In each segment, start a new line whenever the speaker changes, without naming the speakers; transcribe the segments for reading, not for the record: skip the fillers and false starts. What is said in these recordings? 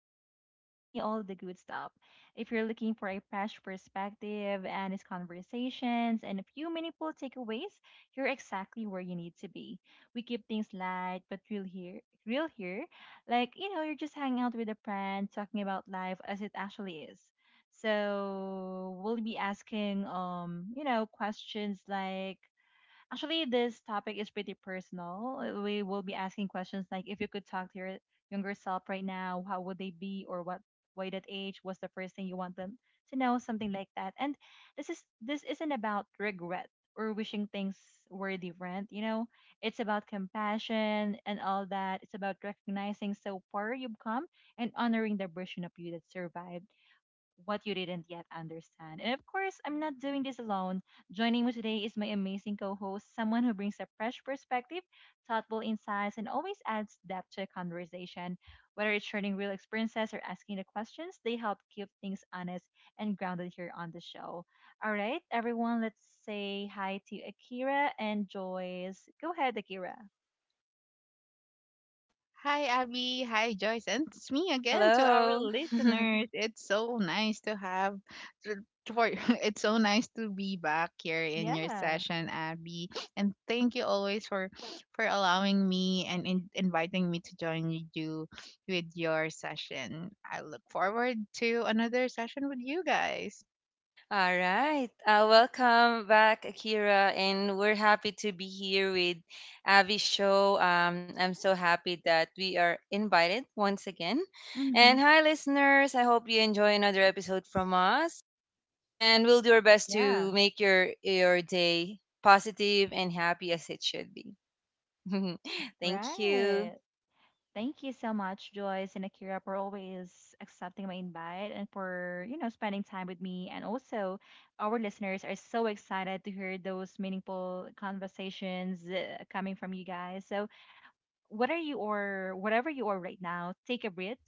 as always, bringing all the good stuff. If you're looking for a fresh perspective, and its conversations, and a few meaningful takeaways, you're exactly where you need to be. We keep things light, but real here. Real here, like you're just hanging out with a friend, talking about life as it actually is. So we'll be asking, questions like actually, this topic is pretty personal. We will be asking questions like if you could talk to your younger self right now, how would they be or what why that age was the first thing you want them to know, something like that. And this isn't about regret or wishing things were different. It's about compassion and all that. It's about recognizing so far you've come and honoring the version of you that survived what you didn't yet understand. And of course, I'm not doing this alone. Joining me today is my amazing co host, someone who brings a fresh perspective, thoughtful insights, and always adds depth to a conversation. Whether it's sharing real experiences or asking the questions, they help keep things honest and grounded here on the show. All right, everyone, let's say hi to Akira and Joyce. Go ahead, Akira.
Hi, Abby. Hi, Joyce. And it's me again to our
Hello.
listeners. It's so nice to have, to- to- for, it's so nice to be back here in your
Yeah,
session, Abby. And thank you always for allowing me and inviting me to join you with your session. I look forward to another session with you guys.
All right. Welcome back, Akira. And we're happy to be here with Avi's show. I'm so happy that we are invited once again.
Mm-hmm.
And hi, listeners. I hope you enjoy another episode from us. And we'll do our best
yeah,
to make your day positive and happy as it should be. Thank you.
right. Thank you so much, Joyce and Akira, for always accepting my invite and for, you know, spending time with me. And also, our listeners are so excited to hear those meaningful conversations coming from you guys. So, whatever you or whatever you are right now, take a breath.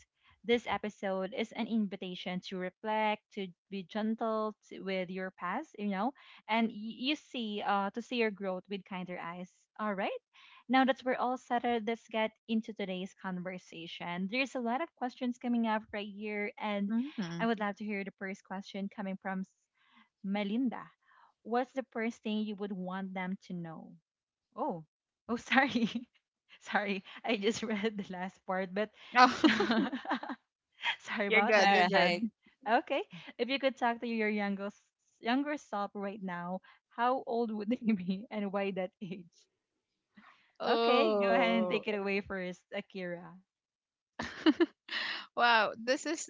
This episode is an invitation to reflect, to be gentle t with your past, you know, and y- you see, to see your growth with kinder eyes. All right. Now that we're all settled, let's get into today's conversation. There's a lot of questions coming up right here, and I
Mm-hmm.
would love to hear the first question coming from Melinda. What's the first thing you would want them to know? Oh, oh, sorry. Sorry, I just read the last part, but
Oh,
sorry
you're
All
about
good.
that.
You're
right.
good.
Okay, if you could talk to your younger self right now, how old would they be and why that age? Okay, go ahead and
Oh.
take it away first, Akira.
Wow, this is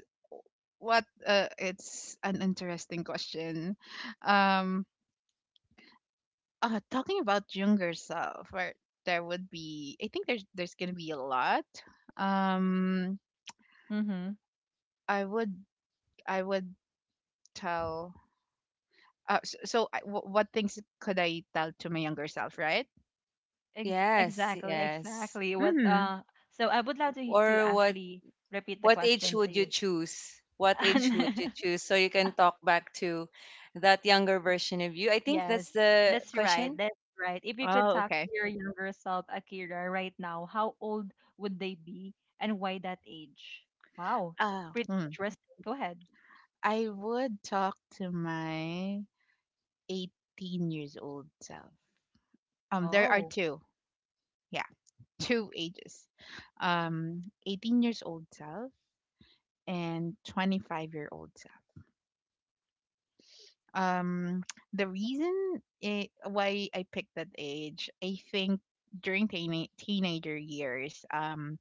what it's an interesting question. Um, talking about younger self, where there would be, I think there's gonna be a lot. Um,
Mm-hmm.
I would I would tell. So, what things could I tell to my younger self, right?
Yes, yes.
Exactly. What?
Mm-hmm.
So I would love to
Or
actually repeat the
what age
question to
would you
you.
choose? What age would you choose so you can talk back to that younger version of you? I think
Yes,
that's the
that's right.
question.
That's right. If you could
Oh,
talk to
okay.
your younger self, Akira, right now, how old would they be and why that age? Wow,
Oh,
pretty
hmm.
interesting. Go ahead.
I would talk to my 18 years old self. There are
Oh,
two. Yeah, two ages. 18 years old self and 25-year-old self. Um, the reason why I picked that age, I think during teenager years,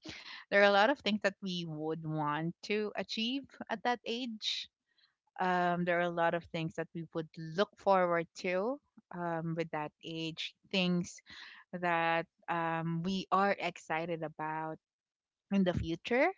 there are a lot of things that we would want to achieve at that age. There are a lot of things that we would look forward to with that age, things that we are excited about in the future,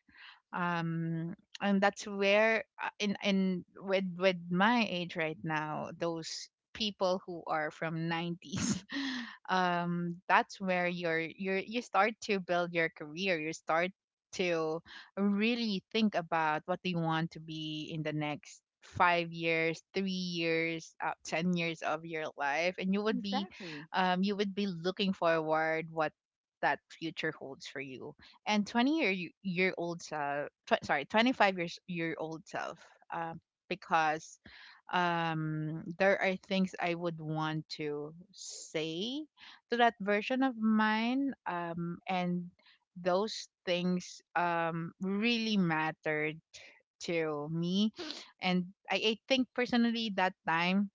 um and that's where, in with my age right now, those people who are from 90s, that's where you start to build your career. You start to really think about what do you want to be in the next 5 years, 3 years, 10 years of your life, and you would be
exactly.
um, you would be looking forward what that future holds for you. And 20 year old self, sorry, 25 year old self, um, because there are things I would want to say to that version of mine, and those things really mattered to me. And I think personally that time,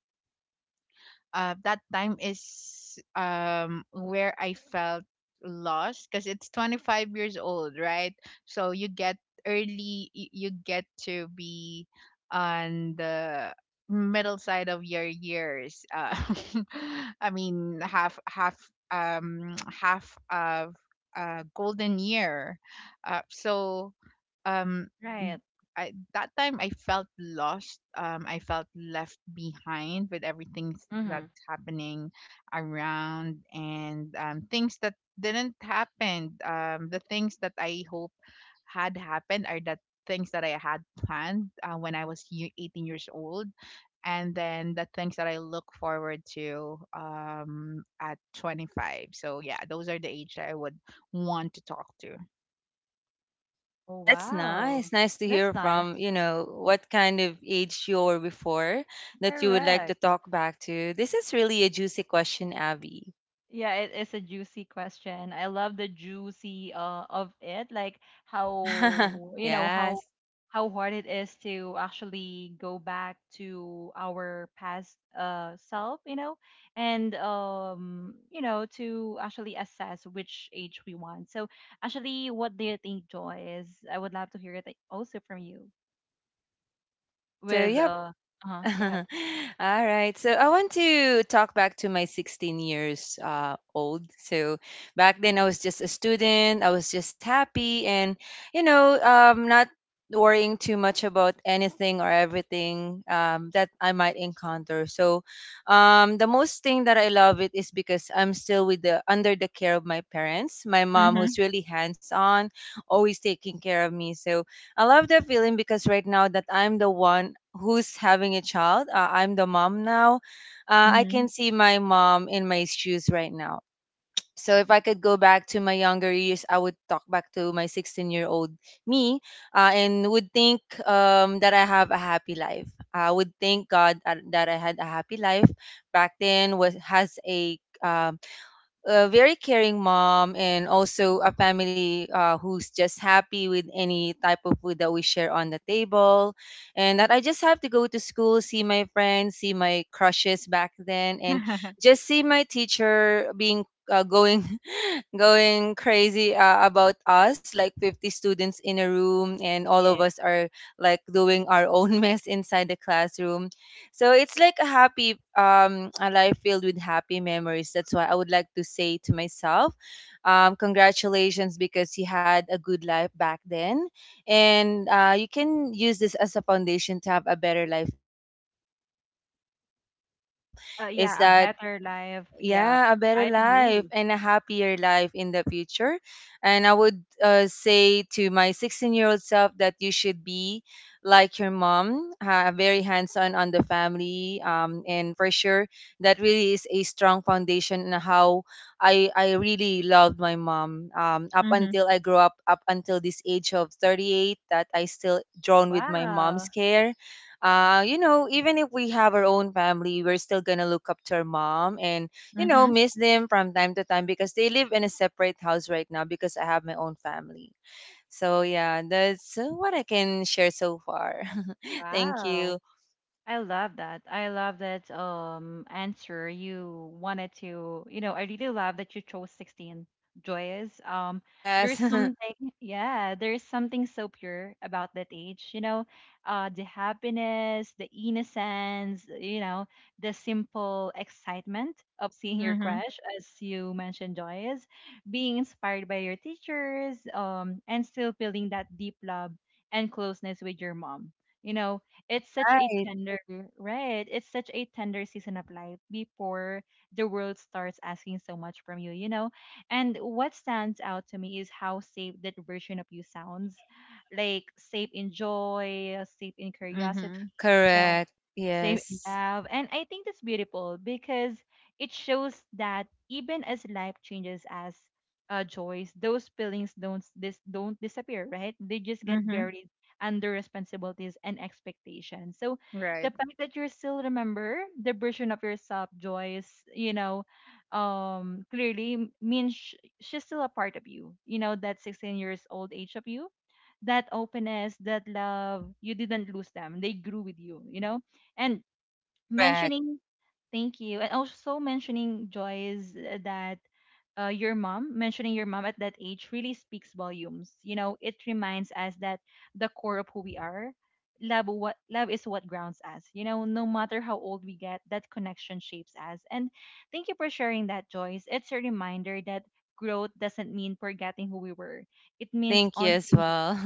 that time is where I felt lost because it's 25 years old, right? So you get to be on the middle side of your years. I mean, half half half of a golden year. So um
Right.
I that time I felt lost. I felt left behind with everything
Mm-hmm.
that's happening around, and things that didn't happen. The things that I hope had happened are the things that I had planned, when I was 18 years old, and then the things that I look forward to, at 25. So yeah, those are the age that I would want to talk to.
Oh,
Oh,
that's
wow.
nice. Nice to
That's
hear from,
nice.
you know, what kind of age you were before that you would like to
Correct.
talk back to. This is really a juicy question, Abby.
Yeah, it is a juicy question. I love the juicy of it, like how you know
Yes.
how hard it is to actually go back to our past self, you know, and you know to actually assess which age we want. So actually, what do you think, Joy? Is I would love to hear it like, also from you
So,
with
yeah.
uh, go ahead.
All right. So I want to talk back to my 16 years old. So back then I was just a student. I was just happy and, you know, not worrying too much about anything or everything that I might encounter. So the most thing that I love it is because I'm still with the under the care of my parents, my mom who's
Mm-hmm.
really hands on, always taking care of me. So I love that feeling because right now that I'm the one who's having a child, I'm the mom now. I
Mm-hmm.
can see my mom in my shoes right now. So if I could go back to my younger years, I would talk back to my 16-year-old me, and would think that I have a happy life. I would thank God that I had a happy life back then. Was has a very caring mom and also a family who's just happy with any type of food that we share on the table, and that I just have to go to school, see my friends, see my crushes back then, and just see my teacher being going going crazy about us, like 50 students in a room, and all of
Yeah.
us are like doing our own mess inside the classroom. So it's like a happy, a life filled with happy memories. That's why I would like to say to myself, congratulations because you had a good life back then, and you can use this as a foundation to have a better life in the future. So what I can advise myself is
Yeah, a
that
better life. Yeah,
yeah, a better
I
life
agree.
and a happier life in the future. And I would say to my 16-year-old self that you should be like your mom, very hands on the family. And for sure, that really is a strong foundation on how I really loved my mom up until I grew up, up until this age of 38, that I still drawn with my
Wow.
mom's care. You know, even if we have our own family, we're still gonna look up to our mom and, you know,
Mhm.
miss them from time to time because they live in a separate house right now because I have my own family. So yeah, that's what I can share so far. Thank
Wow.
you.
I love that. I love that answer. You wanted to, you know, I really love that you chose 16, joyous.
Yes.
There's there's something so pure about that age, you know. The happiness, the innocence, you know, the simple excitement of seeing your
Mhm.
crush as you mentioned, joyous, being inspired by your teachers, and still feeling that deep love and closeness with your mom, you know. It's such a
Right.
tender, right? It's such a tender season of life before the world starts asking so much from you, you know? And what stands out to me is how safe that version of you sounds. Like safe in joy, safe in curiosity,
Mhm.
you know,
Correct.
safe in
Yes.
love. And I think that's beautiful because it shows that even as life changes us, joys, those feelings don't disappear, right? They just get
Mhm.
buried and their responsibilities and expectations. So the
Right.
fact that you still remember the version of yourself, Joyce, means she's still a part of you. You know, that 16 years old age of you, that openness, that love, you didn't lose them. They grew with you, you know? And
Correct.
mentioning thank you and also mentioning Joyce, that your mom mentioning your mom at that age really speaks volumes. You know, it reminds us that the core of who we are, love, what love is, what grounds us, you know, no matter how old we get, that connection shapes us. And thank you for sharing that, Joyce. It's a reminder that growth doesn't mean forgetting who we were. It means
Thank you as
honoring.
well.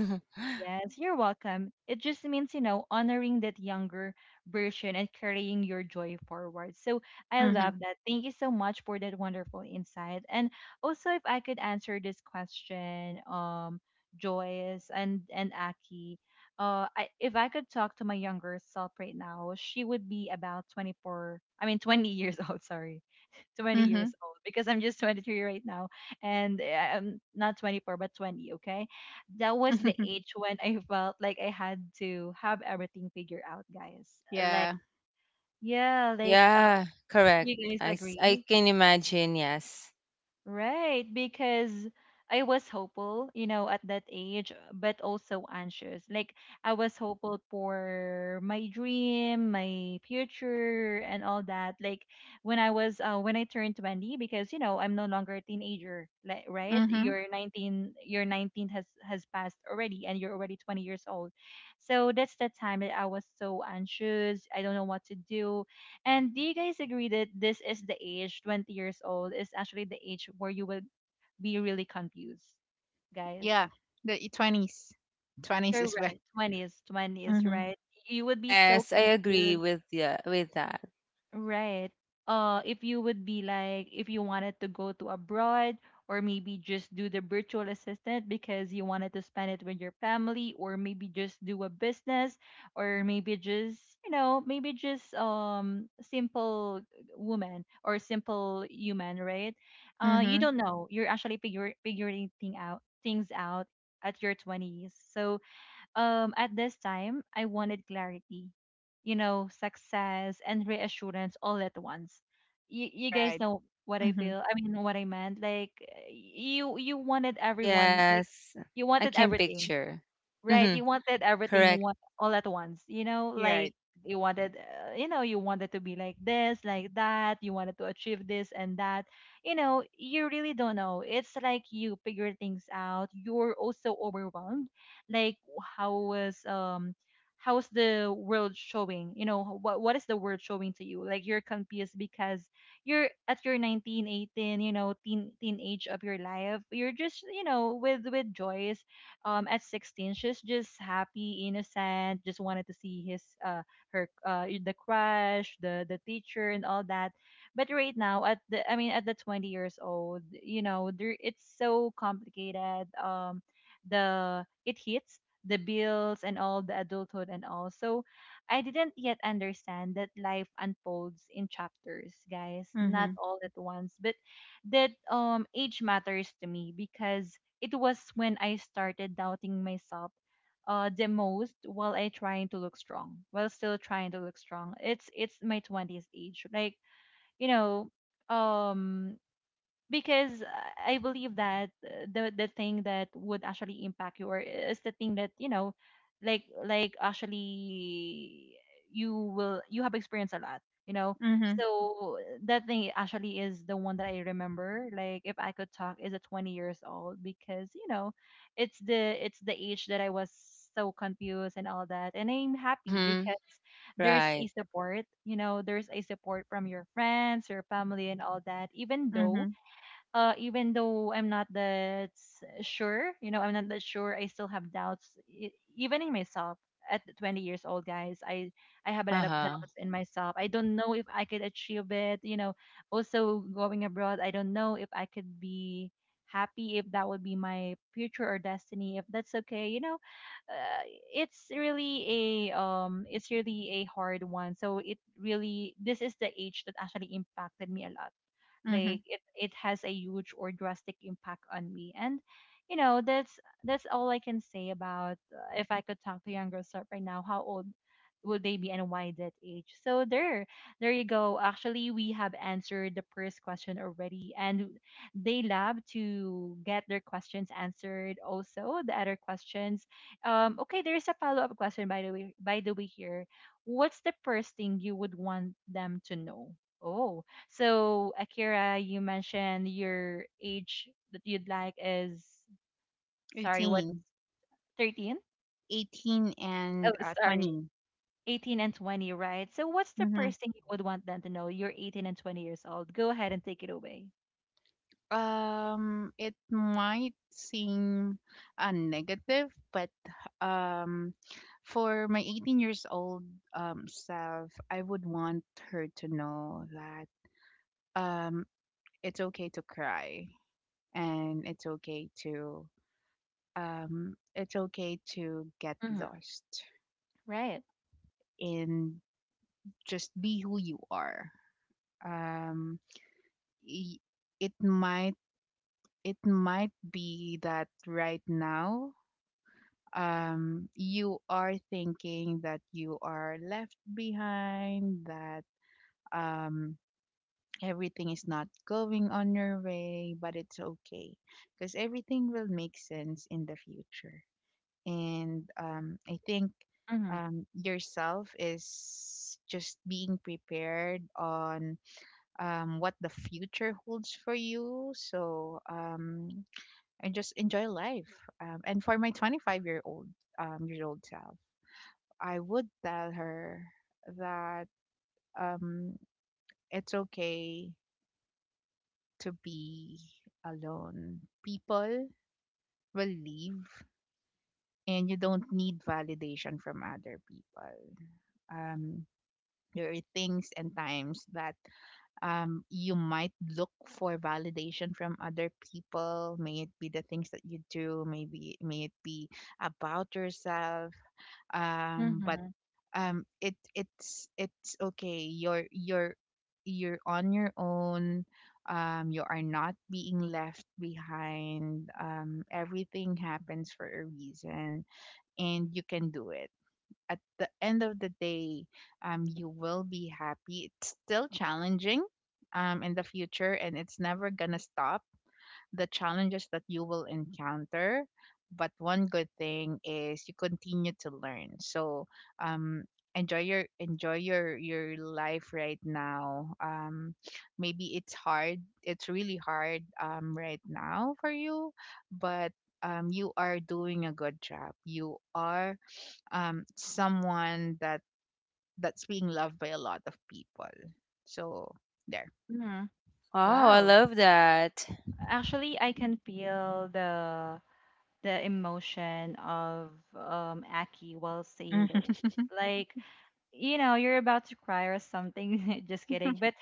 Yes, you're welcome. It just means, you know, honoring that younger version and carrying your joy forward. So I
Mhm.
love that. Thank you so much for that wonderful insight. And also, if I could answer this question, Joyce and Aki, if I could talk to my younger self right now, she would be about 24. I mean, 20 years old. Sorry, 20
Mhm.
years old because I'm just 23 right now, and I'm not 24 but 20. Okay, that was the age when I felt like I had to have everything figured out, guys. Like,
Yeah.
yeah, like
Yeah, correct.
you guys
I
agree?
can imagine. Yes.
Right, because I was hopeful, you know, at that age, but also anxious. Like I was hopeful for my dream, my future, and all that. Like when I turned 20, because you know I'm no longer a teenager, like, right?
Mhm.
You're 19, your 19 has passed already, and you're already 20 years old. So that's the time that I was so anxious. I don't know what to do. And do you guys agree that this is the age, 20 years old, is actually the age where you would be really confused, guys?
Yeah. The twenties. Twenties is when.
Correct. 20s, 20s,
Mhm.
right? You would be so
Yes, I agree
confused.
with, yeah, with that.
Right. If you would be like, if you wanted to go to abroad, or maybe just do the virtual assistant because you wanted to spend it with your family, or maybe just do a business, or maybe just, you know, maybe just simple woman or simple human, right? You
Mhm.
don't know. You're actually figure figuring things out at your 20s. So at this time, I wanted clarity, you know, success and reassurance all at once. You guys
Right.
know what I
Mhm.
feel. I mean, what I meant. Like you wanted everyone. Like
Yes.
you
I
wanted
can
everything.
picture.
Right,
Mhm.
you wanted everything
Correct.
one, all at once, you know,
You're
like
right.
you wanted, you wanted to be like this, like that, you wanted to achieve this and that. You know, you really don't know. It's like you figure things out. You're also overwhelmed. Like how was um how's the world showing? You know, what is the world showing to you? Like you're confused because you're at your 19, 18. You know, teenage of your life. You're just, you know, with joys at 16. She's just happy, innocent, just wanted to see his her the crush, the teacher and all that. But right now at the I mean at the 20 years old, you know, there it's so complicated. The it hits the bills and all the adulthood and all. So I didn't yet understand that life unfolds in chapters, guys, not
Mhm.
all at once. But that age matters to me because it was when I started doubting myself the most while I trying to look strong, while still trying to look strong. It's my twenties age, like you know, um, because I believe that the thing that would actually impact you or is the thing that you know, like actually you have experienced a lot, you know.
Mhm.
So that thing actually is the one that I remember. Like if I could talk, is a 20 years old because you know, it's the age that I was so confused and all that, and I'm happy
Mhm.
because there's a
Right.
support. You know, there's a support from your friends, your family, and all that.
Mhm.
Even though I'm not that sure, you know, I'm not that sure. I still have doubts, even in myself. At 20 years old, guys, I have a lot of
Uh-huh.
doubts in myself. I don't know if I could achieve it. You know, also going abroad, I don't know if I could be happy if that would be my future or destiny. If that's okay, you know, uh, it's really a hard one. So it really this is the age that actually impacted me a lot,
Mhm.
like it has a huge or drastic impact on me. And you know, that's all I can say about. If I could talk to younger self right now, how old will they be and why that age? So there you go, actually we have answered the first question already, and they love to get their questions answered. Also the other questions. Okay, there is a follow-up question, by the way, here. What's the first thing you would want them to know? Oh, so, Akira, you mentioned your age that you'd like is, sorry, what,
18.
13?
18
Oh,
and
sorry,
20.
18 and 20, right? So, what's the
Mhm.
first thing you would want them to know? You're 18 and 20 years old. Go ahead and take it away.
It might seem negative, but um for my 18 years old self, I would want her to know that um it's okay to cry, and it's okay to, it's okay to get
Mm-hmm.
lost,
Right.
and just be who you are. Um y- it might it might be that right now, you are thinking that you are left behind, that um, everything is not going on your way, but it's okay because everything will make sense in the future. And I think
Mm-hmm.
yourself is just being prepared on what the future holds for you. So, and just enjoy life. And for my 25-year old, year old self. I would tell her that, um, it's okay to be alone. People will leave, and you don't need validation from other people. Um, there are things and times that, you might look for validation from other people. May it be the things that you do, may it be about yourself. But
Mm-hmm.
it's okay. You're on your own. You are not being left behind. Everything happens for a reason, and you can do it. At the end of the day, you will be happy. It's still challenging, in the future, and it's never gonna stop the challenges that you will encounter. But one good thing is you continue to learn. So, um, enjoy your life right now. Maybe it's hard. It's really hard, right now for you, but you are doing a good job. You are, someone that's being loved by a lot of people. So there.
Mm-hmm.
Wow, I
Wow.
love that.
Actually, I can feel the emotion of Aki while saying those.
Mm-hmm.
Like, you know, you're about to cry or something, just kidding. But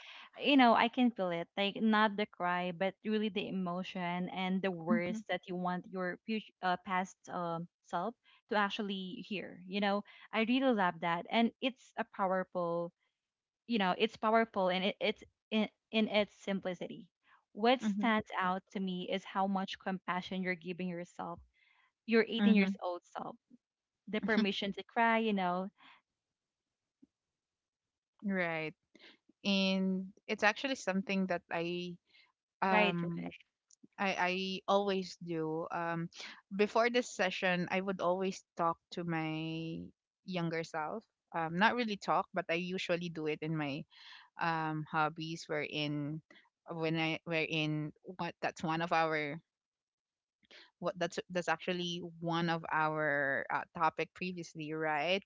you know, I can feel it, like not the cry but really the emotion and the
Mm-hmm.
words that you want your future, past, self to actually hear, you know. I really love that, and it's a powerful, you know, it's powerful. And it's in its simplicity, what stands out to me is how much compassion you're giving yourself, your 18
Mm-hmm.
years old self, the permission to cry, you know.
Right. And it's actually something that
right
um
right
I always do. Before this session, I would always talk to my younger self. Not really talk, but I usually do it in my hobbies. Wherein when I wherein what that's one of our what that's actually one of our topic previously, right?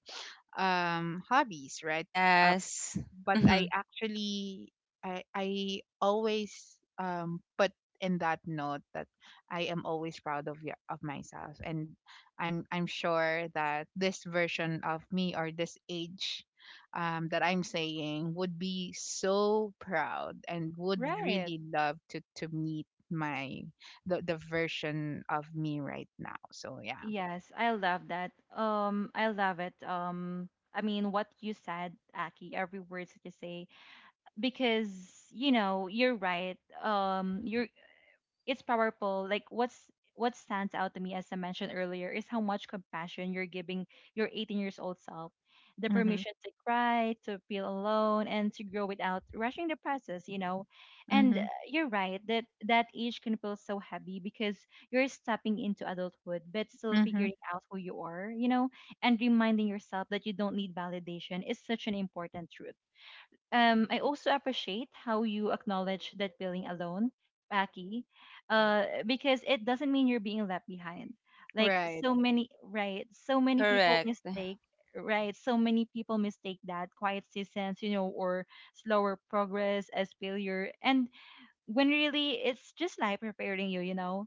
Hobbies, right?
Yes.
But I actually, I always put in that note that I am always proud of myself, and I'm sure that this version of me or this age, that I'm saying would be so proud and would
right
really love to meet the version of me right now. So yeah.
Yes, I love that. I love it. I mean, what you said, Aki, every word that you say, because you know, you're right. You're, it's powerful. Like what stands out to me, as I mentioned earlier, is how much compassion you're giving your 18 years old self. The
Mhm.
permission to cry, to feel alone, and to grow without rushing the process, you know. And
Mhm.
you're right that that age can feel so heavy because you're stepping into adulthood but still
Mhm.
figuring out who you are, you know, and reminding yourself that you don't need validation is such an important truth. I also appreciate how you acknowledge that feeling alone, Paki, because it doesn't mean you're being left behind. Like
Right.
so many, right? So many people
Correct.
mistake, right? So many people mistake that quiet seasons, you know, or slower progress as failure. And when really it's just life preparing you, you know.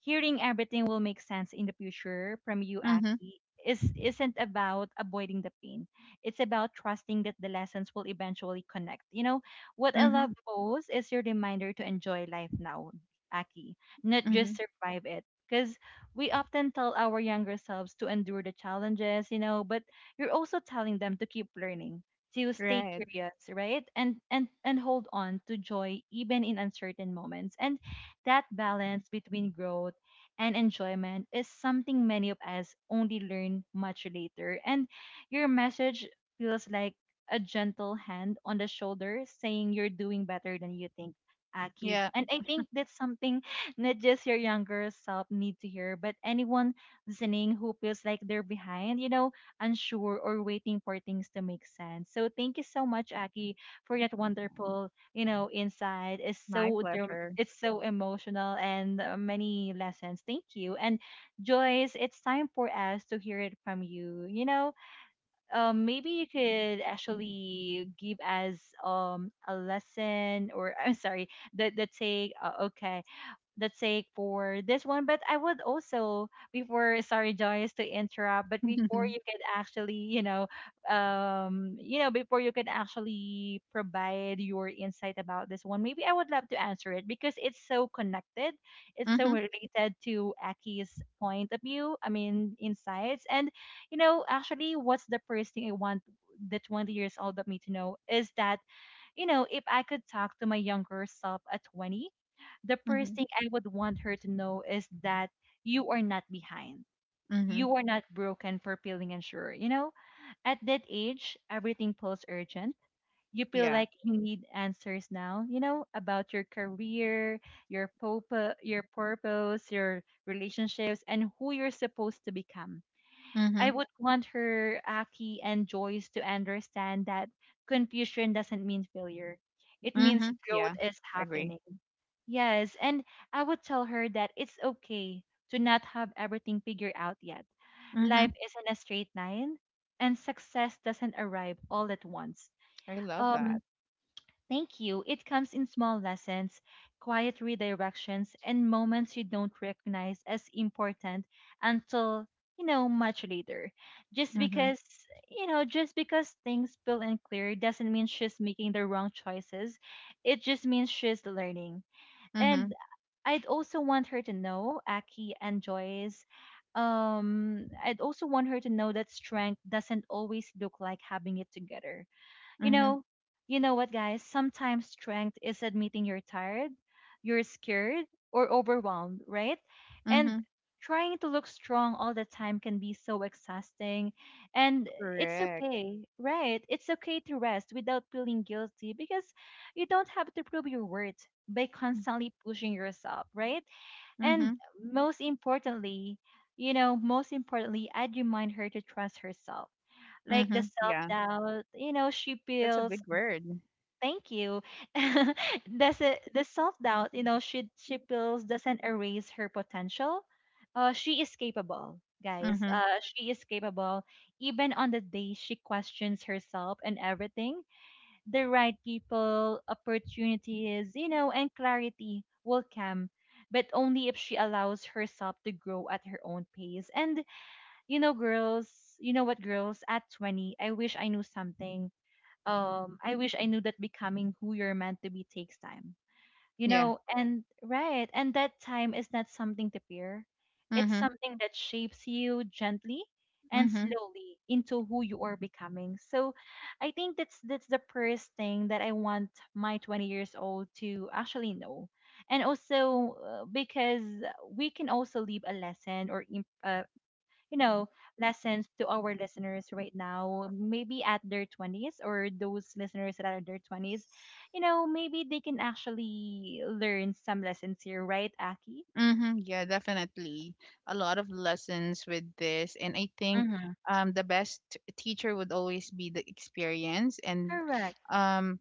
Hearing everything will make sense in the future from you,
Mhm.
Aki, is, isn't about avoiding the pain. It's about trusting that the lessons will eventually connect. You know, what I
Mhm.
love most is your reminder to enjoy life now, Aki, not just
Mhm.
survive it. Because we often tell our younger selves to endure the challenges, you know, but you're also telling them to keep learning, to stay
Right.
curious, right? And hold on to joy even in uncertain moments. And that balance between growth and enjoyment is something many of us only learn much later. And your message feels like a gentle hand on the shoulder saying you're doing better than you think, Akib.
Yeah.
And I think that's something, not just your younger self need to hear, but anyone listening who feels like they're behind, you know, unsure or waiting for things to make sense. So thank you so much, Aki, for that wonderful, you know, insight. It's
My
so,
pleasure.
it's so emotional and many lessons. Thank you. And Joyce, it's time for us to hear it from you. You know, maybe you could actually give us a lesson, or I'm sorry, the take. Okay, that's sake for this one. But I would also, before, sorry, Joyce, to interrupt, but before
Mhm.
you can actually, you know, before you can actually provide your insight about this one, maybe I would love to answer it because it's so connected, it's so
Mhm.
related to Aki's point of view. I mean, insights. And you know, actually, what's the first thing I want the 20 years old of me to know is that, you know, if I could talk to my younger self at 20, the
Mhm.
first thing I would want her to know is that you are not behind.
Mhm.
You are not broken for feeling unsure. You know, at that age, everything feels urgent. You feel
Yeah.
like you need answers now, you know, about your career, your your purpose, your relationships, and who you're supposed to become. I
Mhm.
would want her, Aki, and Joyce to understand that confusion doesn't mean failure. It means
Mhm.
growth
Yeah.
is
Agree.
happening. Yes, and I would tell her that it's okay to not have everything figured out yet.
Mhm.
Life isn't a straight line, and success doesn't arrive all at once.
I love that.
Um, Thank you. It comes in small lessons, quiet redirections, and moments you don't recognize as important until, you know, much later. Just
Mhm.
because, you know, just because things feel unclear doesn't mean she's making the wrong choices. It just means she's learning.
Mhm.
And I'd also want her to know, Aki and Joyce, I'd also want her to know that strength doesn't always look like having it together, you
Mhm.
know. You know what, guys? Sometimes strength is admitting you're tired, you're scared, or overwhelmed, right? And
Mhm.
trying to look strong all the time can be so exhausting. And it's
Correct.
okay, right? It's okay to rest without feeling guilty because you don't have to prove your worth by constantly pushing yourself, right? And
Mhm.
most importantly, you know, most importantly, I'd remind her to trust herself, like the
Mhm.
self
Yeah.
doubt, you know, she
That's a
feels,
big word.
thank you, does it the self-doubt, you know, she feels, doesn't erase her potential. She is capable, guys,
Mhm.
she is capable even on the day she questions herself. And everything, the right people, opportunities, you know, and clarity will come, but only if she allows herself to grow at her own pace. And you know girls, you know what girls, at 20 I wish I knew something. I wish I knew that becoming who you're meant to be takes time. You
Yeah.
know, and right, and that time is not something to fear. It's
Mhm.
something that shapes you gently and
Mhm.
slowly into who you are becoming. So I think that's the first thing that I want my 20 years old to actually know. And also, because we can also leave a lesson or you know, lessons to our listeners right now, maybe at their 20s, or those listeners that are in their 20s, you know, maybe they can actually learn some lessons here, right, Aki?
Mhm. Yeah, definitely. A lot of lessons with this. And I think,
Mm-hmm.
the best teacher would always be the experience. And
Correct.
um,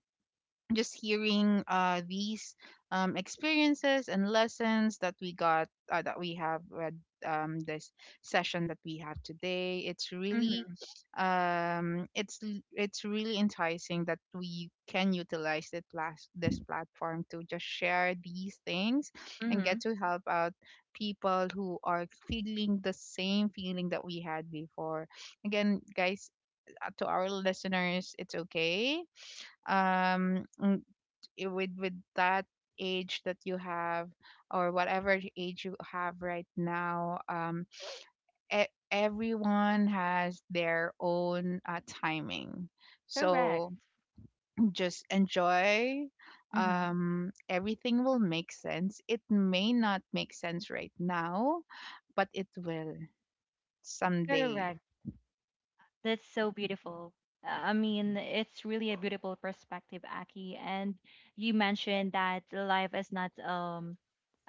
just hearing, these, experiences and lessons that we got, that we have read, this session that we have today, it's really,
Mm-hmm.
it's really enticing that we can utilize this platform to just share these things, and
Mm-hmm.
get to help out people who are feeling the same feeling that we had before. Again guys, to our listeners, it's okay. um with that age that you have, or whatever age you have right now, everyone has their own, timing.
Correct.
So just enjoy,
Mm-hmm.
everything will make sense. It may not make sense right now, but it will someday.
Correct. That's so beautiful. I mean, it's really a beautiful perspective, Aki. And you mentioned that life is not,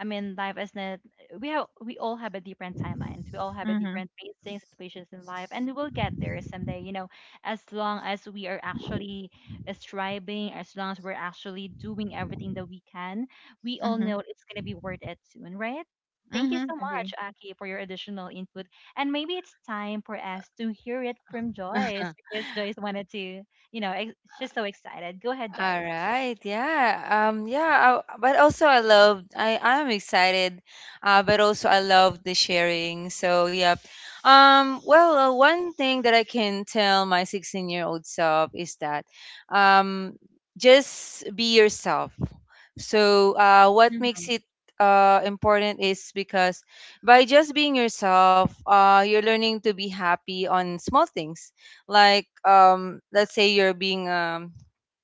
I mean, life isn't. We all have a different timelines. We all have a
Mhm.
different facing situations in life, and we will get there someday. You know, as long as we are actually striving, as long as we're actually doing everything that we can, we all
Mhm.
know it's gonna be worth it soon, right? Thank you
Mhm.
so
Agree.
much, Aki, for your additional input. And maybe it's time for us to hear it from Joyce, because Joyce wanted to, you know, she's so excited. Go ahead,
All
Joyce.
right. Yeah. Um yeah, I, but also I love I am excited. But also I love the sharing. So, yeah. Well, one thing that I can tell my 16-year-old self is that um just be yourself. So, what makes
Hmm.
it important is because by just being yourself, you're learning to be happy on small things. Like, let's say you're being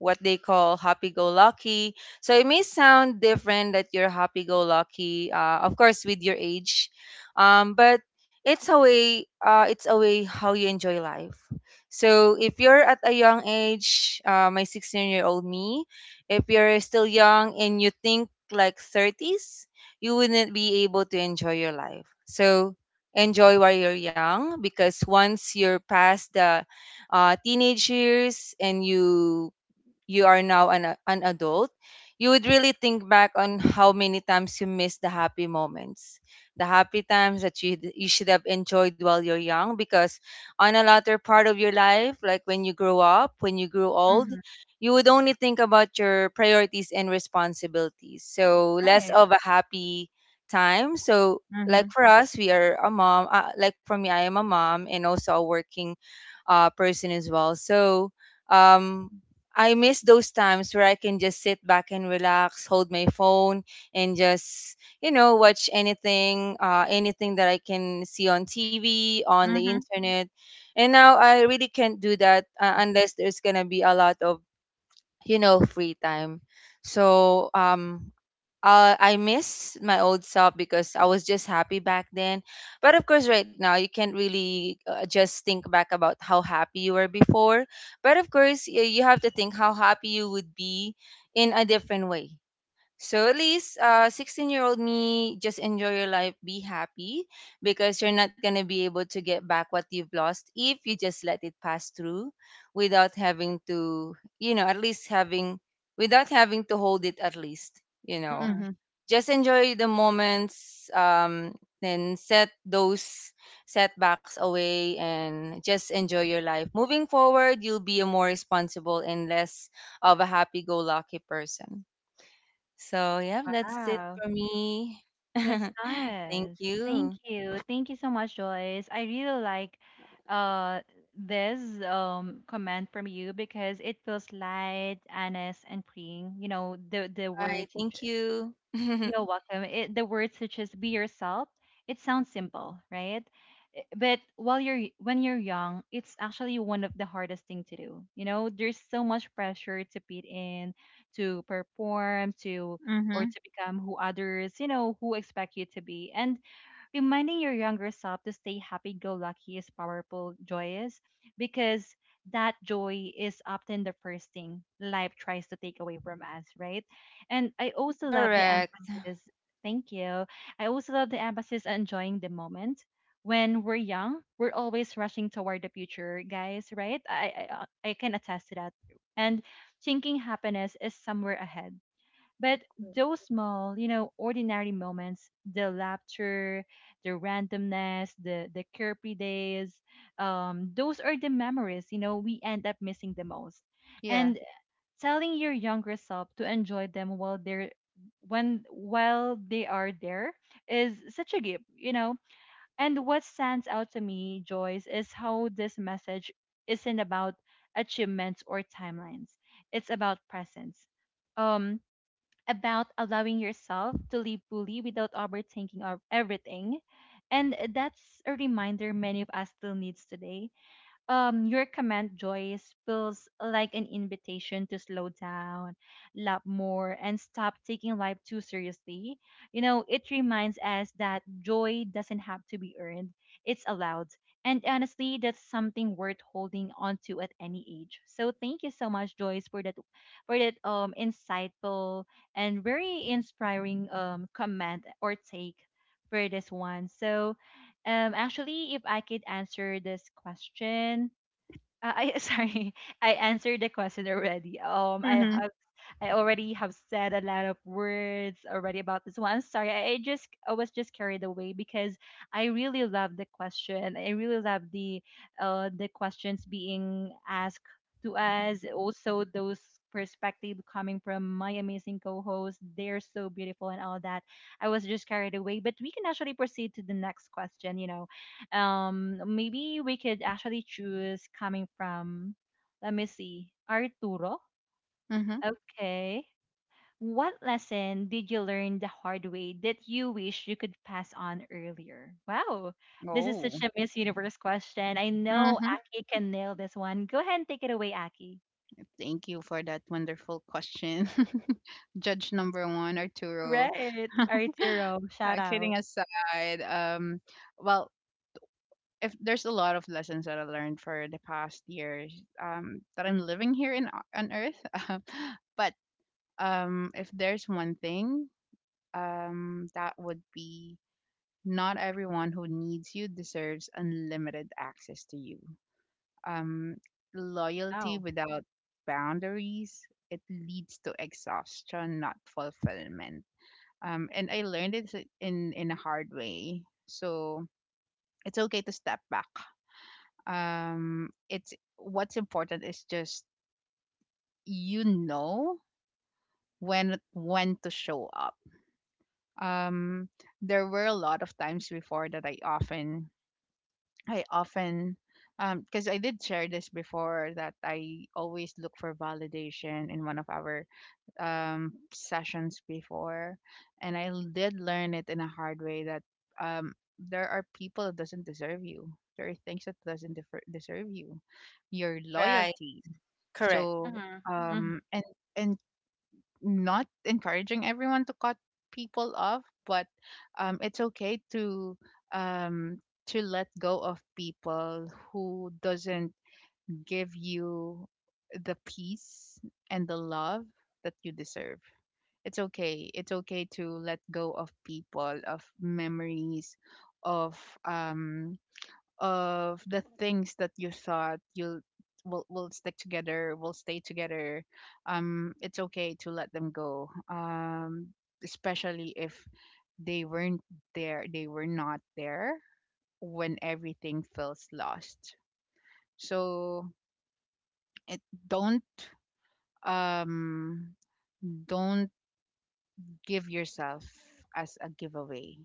what they call happy go lucky. So it may sound different that you're happy go lucky, of course, with your age, but it's a way how you enjoy life. So if you're at a young age, my 16-year-old me, if you're still young and you think like 30s, you wouldn't be able to enjoy your life. So enjoy while you're young because once you're past the teenage years and you are now an adult, you would really think back on how many times you missed the happy moments, the happy times that you should have enjoyed while you're young. Because on a latter part of your life, like when you grow up, when you grew old,
Hmm.
you would only think about your priorities and responsibilities. So less
Right.
of a happy time. So like
Mhm.
for us, we are a mom. Like for me, I am a mom and also a working person as well. So, um, I miss those times where I can just sit back and relax, hold my phone, and just, you know, watch anything, anything that I can see on TV, on the
Mhm.
internet. And now I really can't do that unless there's gonna be a lot of, you know, free time. So I miss my old self because I was just happy back then. But of course, right now, you can't really just think back about how happy you were before. But of course, you have to think how happy you would be in a different way. So at least, 16-year-old me, just enjoy your life, be happy because you're not going to be able to get back what you've lost if you just let it pass through without having to, you know, at least having, without having to hold it at least, you know.
Mhm.
Hmm.
Just enjoy the moments, and set those setbacks away and just enjoy your life. Moving forward, you'll be a more responsible and less of a happy go lucky person. So, yeah, that's it
Wow.
for me.
That's
Thank
nice. Thank
you.
you. Thank you so much, Joyce. I really like uh this comment from you because it feels light, honest, and freeing. You know,
All
the
right.
words you,
Thank you.
you're welcome. It, the words such as "be yourself," it sounds simple, right? But while you're when you're young, it's actually one of the hardest thing to do. You know, there's so much pressure to fit in, to perform, to,
Mhm.
or to become who others, you know, who expect you to be. And reminding your younger self to stay happy go lucky is powerful, joyous, because that joy is often the first thing life tries to take away from us, right? And I also love the
Correct.
emphasis. Thank you. I also love the emphasis on enjoying the moment. When we're young, we're always rushing toward the future, guys, right? I can attest to that. And thinking happiness is somewhere ahead, but those small, you know, ordinary moments, the laughter, the randomness, the carefree days, those are the memories, you know, we end up missing the most.
Yeah.
And telling your younger self to enjoy them while they're when while they are there is such a gift, you know. And what stands out to me, Joyce, is how this message isn't about achievements or timelines. It's about presence. Um, about allowing yourself to live fully without overthinking of everything. And that's a reminder many of us still needs today. Your comment, Joyce, feels like an invitation to slow down, love more, and stop taking life too seriously. You know, it reminds us that joy doesn't have to be earned, it's allowed. And honestly, that's something worth holding on to at any age. So thank you so much, Joyce, for that, for that insightful and very inspiring comment or take for this one. So actually, if I could answer this question, I sorry, I answered the question already. I
Mhm.
have, I already have said a lot of words already about this one. I'm sorry, I just I was just carried away because I really love the question. I really love the questions being asked to us. Also, those perspective coming from my amazing co-host. They're so beautiful and all that. I was just carried away, but we can actually proceed to the next question. Maybe we could actually choose coming from, let me see, Arturo.
Mhm.
Okay. What lesson did you learn the hard way that you wish you could pass on earlier? Wow, this is such
Oh.
a Miss Universe question. I know
Mhm.
Aki can nail this one. Go ahead and take it away, Aki.
Thank you for that wonderful question. Judge number one, Arturo.
Right, Arturo, shout out.
Kidding aside, well, if there's a lot of lessons that I learned for the past years, that I'm living here in on Earth, but, if there's one thing, that would be, not everyone who needs you deserves unlimited access to you. um, Loyalty
Wow.
without boundaries, it leads to exhaustion, not fulfillment, and I learned it in a hard way. So it's okay to step back. It's, what's important is just, you know when to show up. um, there were a lot of times before that I often, because I did share this before, that I always look for validation in one of our, sessions before, and I, did learn it in a hard way that, um, there are people that doesn't deserve you. There are things that doesn't, deserve you, your
Right.
loyalty.
Correct.
So,
Mhm, mhm,
um, and and not encouraging everyone to cut people off, but, it's okay to, um, let go of people who doesn't give you the peace and the love that you deserve. It's okay. It's okay to let go of people, of memories, of um of the things that you thought you'll will stick together, will stay together. It's okay to let them go. Especially if they weren't there, they were not there when everything feels lost. So, it don't um don't give yourself as a giveaway.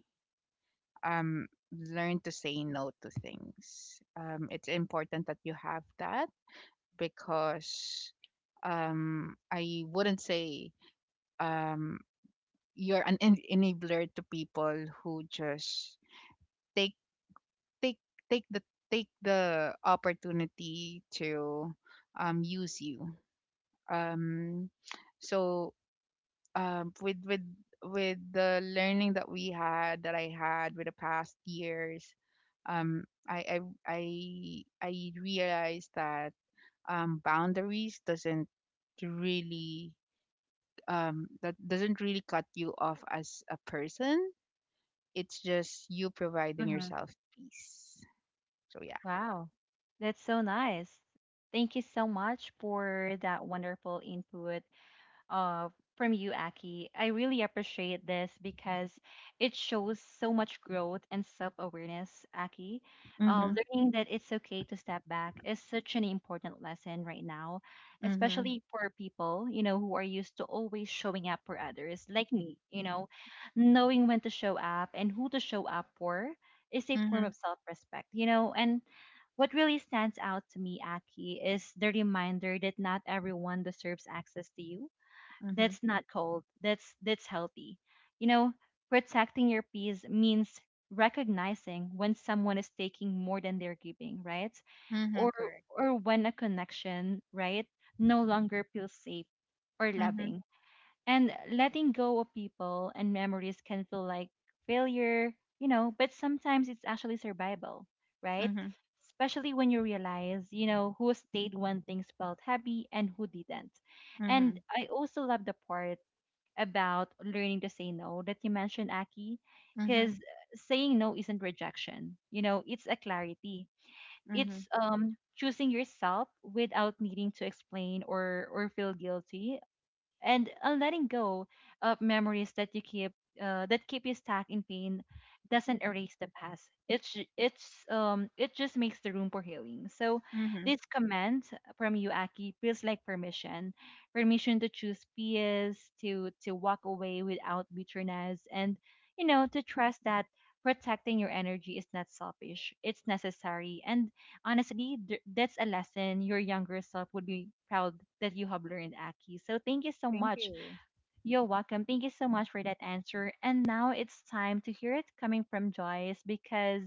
um, Learn to say no to things. It's important that you have that, because, I wouldn't say, um, you're an, enabler to people who just, take take take the take the opportunity to, use you. Um, so, um with with with the learning that we had, that I had with the past years, um, I I I realized that, boundaries doesn't really, that doesn't really cut you off as a person. It's just you providing
mhm.
yourself peace. So yeah.
Wow, that's so nice. Thank you so much for that wonderful input, uh, from you, Aki. I really appreciate this because it shows so much growth and self awareness, Aki.
Mhm.
Learning that it's okay to step back is such an important lesson right now,
Mhm.
especially for people, you know, who are used to always showing up for others, like me, you know. Knowing when to show up and who to show up for is a form
Mhm.
of self respect, you know. And what really stands out to me, Aki, is the reminder that not everyone deserves access to you.
Mhm.
That's not cold. That's healthy. You know, protecting your peace means recognizing when someone is taking more than they're giving, right?
Mhm.
Or
Correct.
or when a connection, right, no longer feels safe or
Mhm.
loving. And letting go of people and memories can feel like failure, you know, but sometimes it's actually survival, right?
Mhm.
Especially when you realize, you know, who stayed when things felt heavy and who didn't. And
Mhm.
I also love the part about learning to say no that you mentioned, Aki,
Mhm.
because saying no isn't rejection, you know, it's a clarity.
Mhm.
It's choosing yourself without needing to explain or feel guilty, and a letting go of memories that you keep that keep you stuck in pain doesn't erase the past. It's ju- it's um it just makes the room for healing. So
Mhm.
this comment from you, Aki, feels like permission. Permission to choose peace, to walk away without bitterness, and you know, to trust that protecting your energy is not selfish, it's necessary. And honestly, that's a lesson your younger self would be proud that you have learned, Aki. So thank you so
Thank
much.
you.
You're welcome. Thank you so much for that answer. And now it's time to hear it coming from Joyce because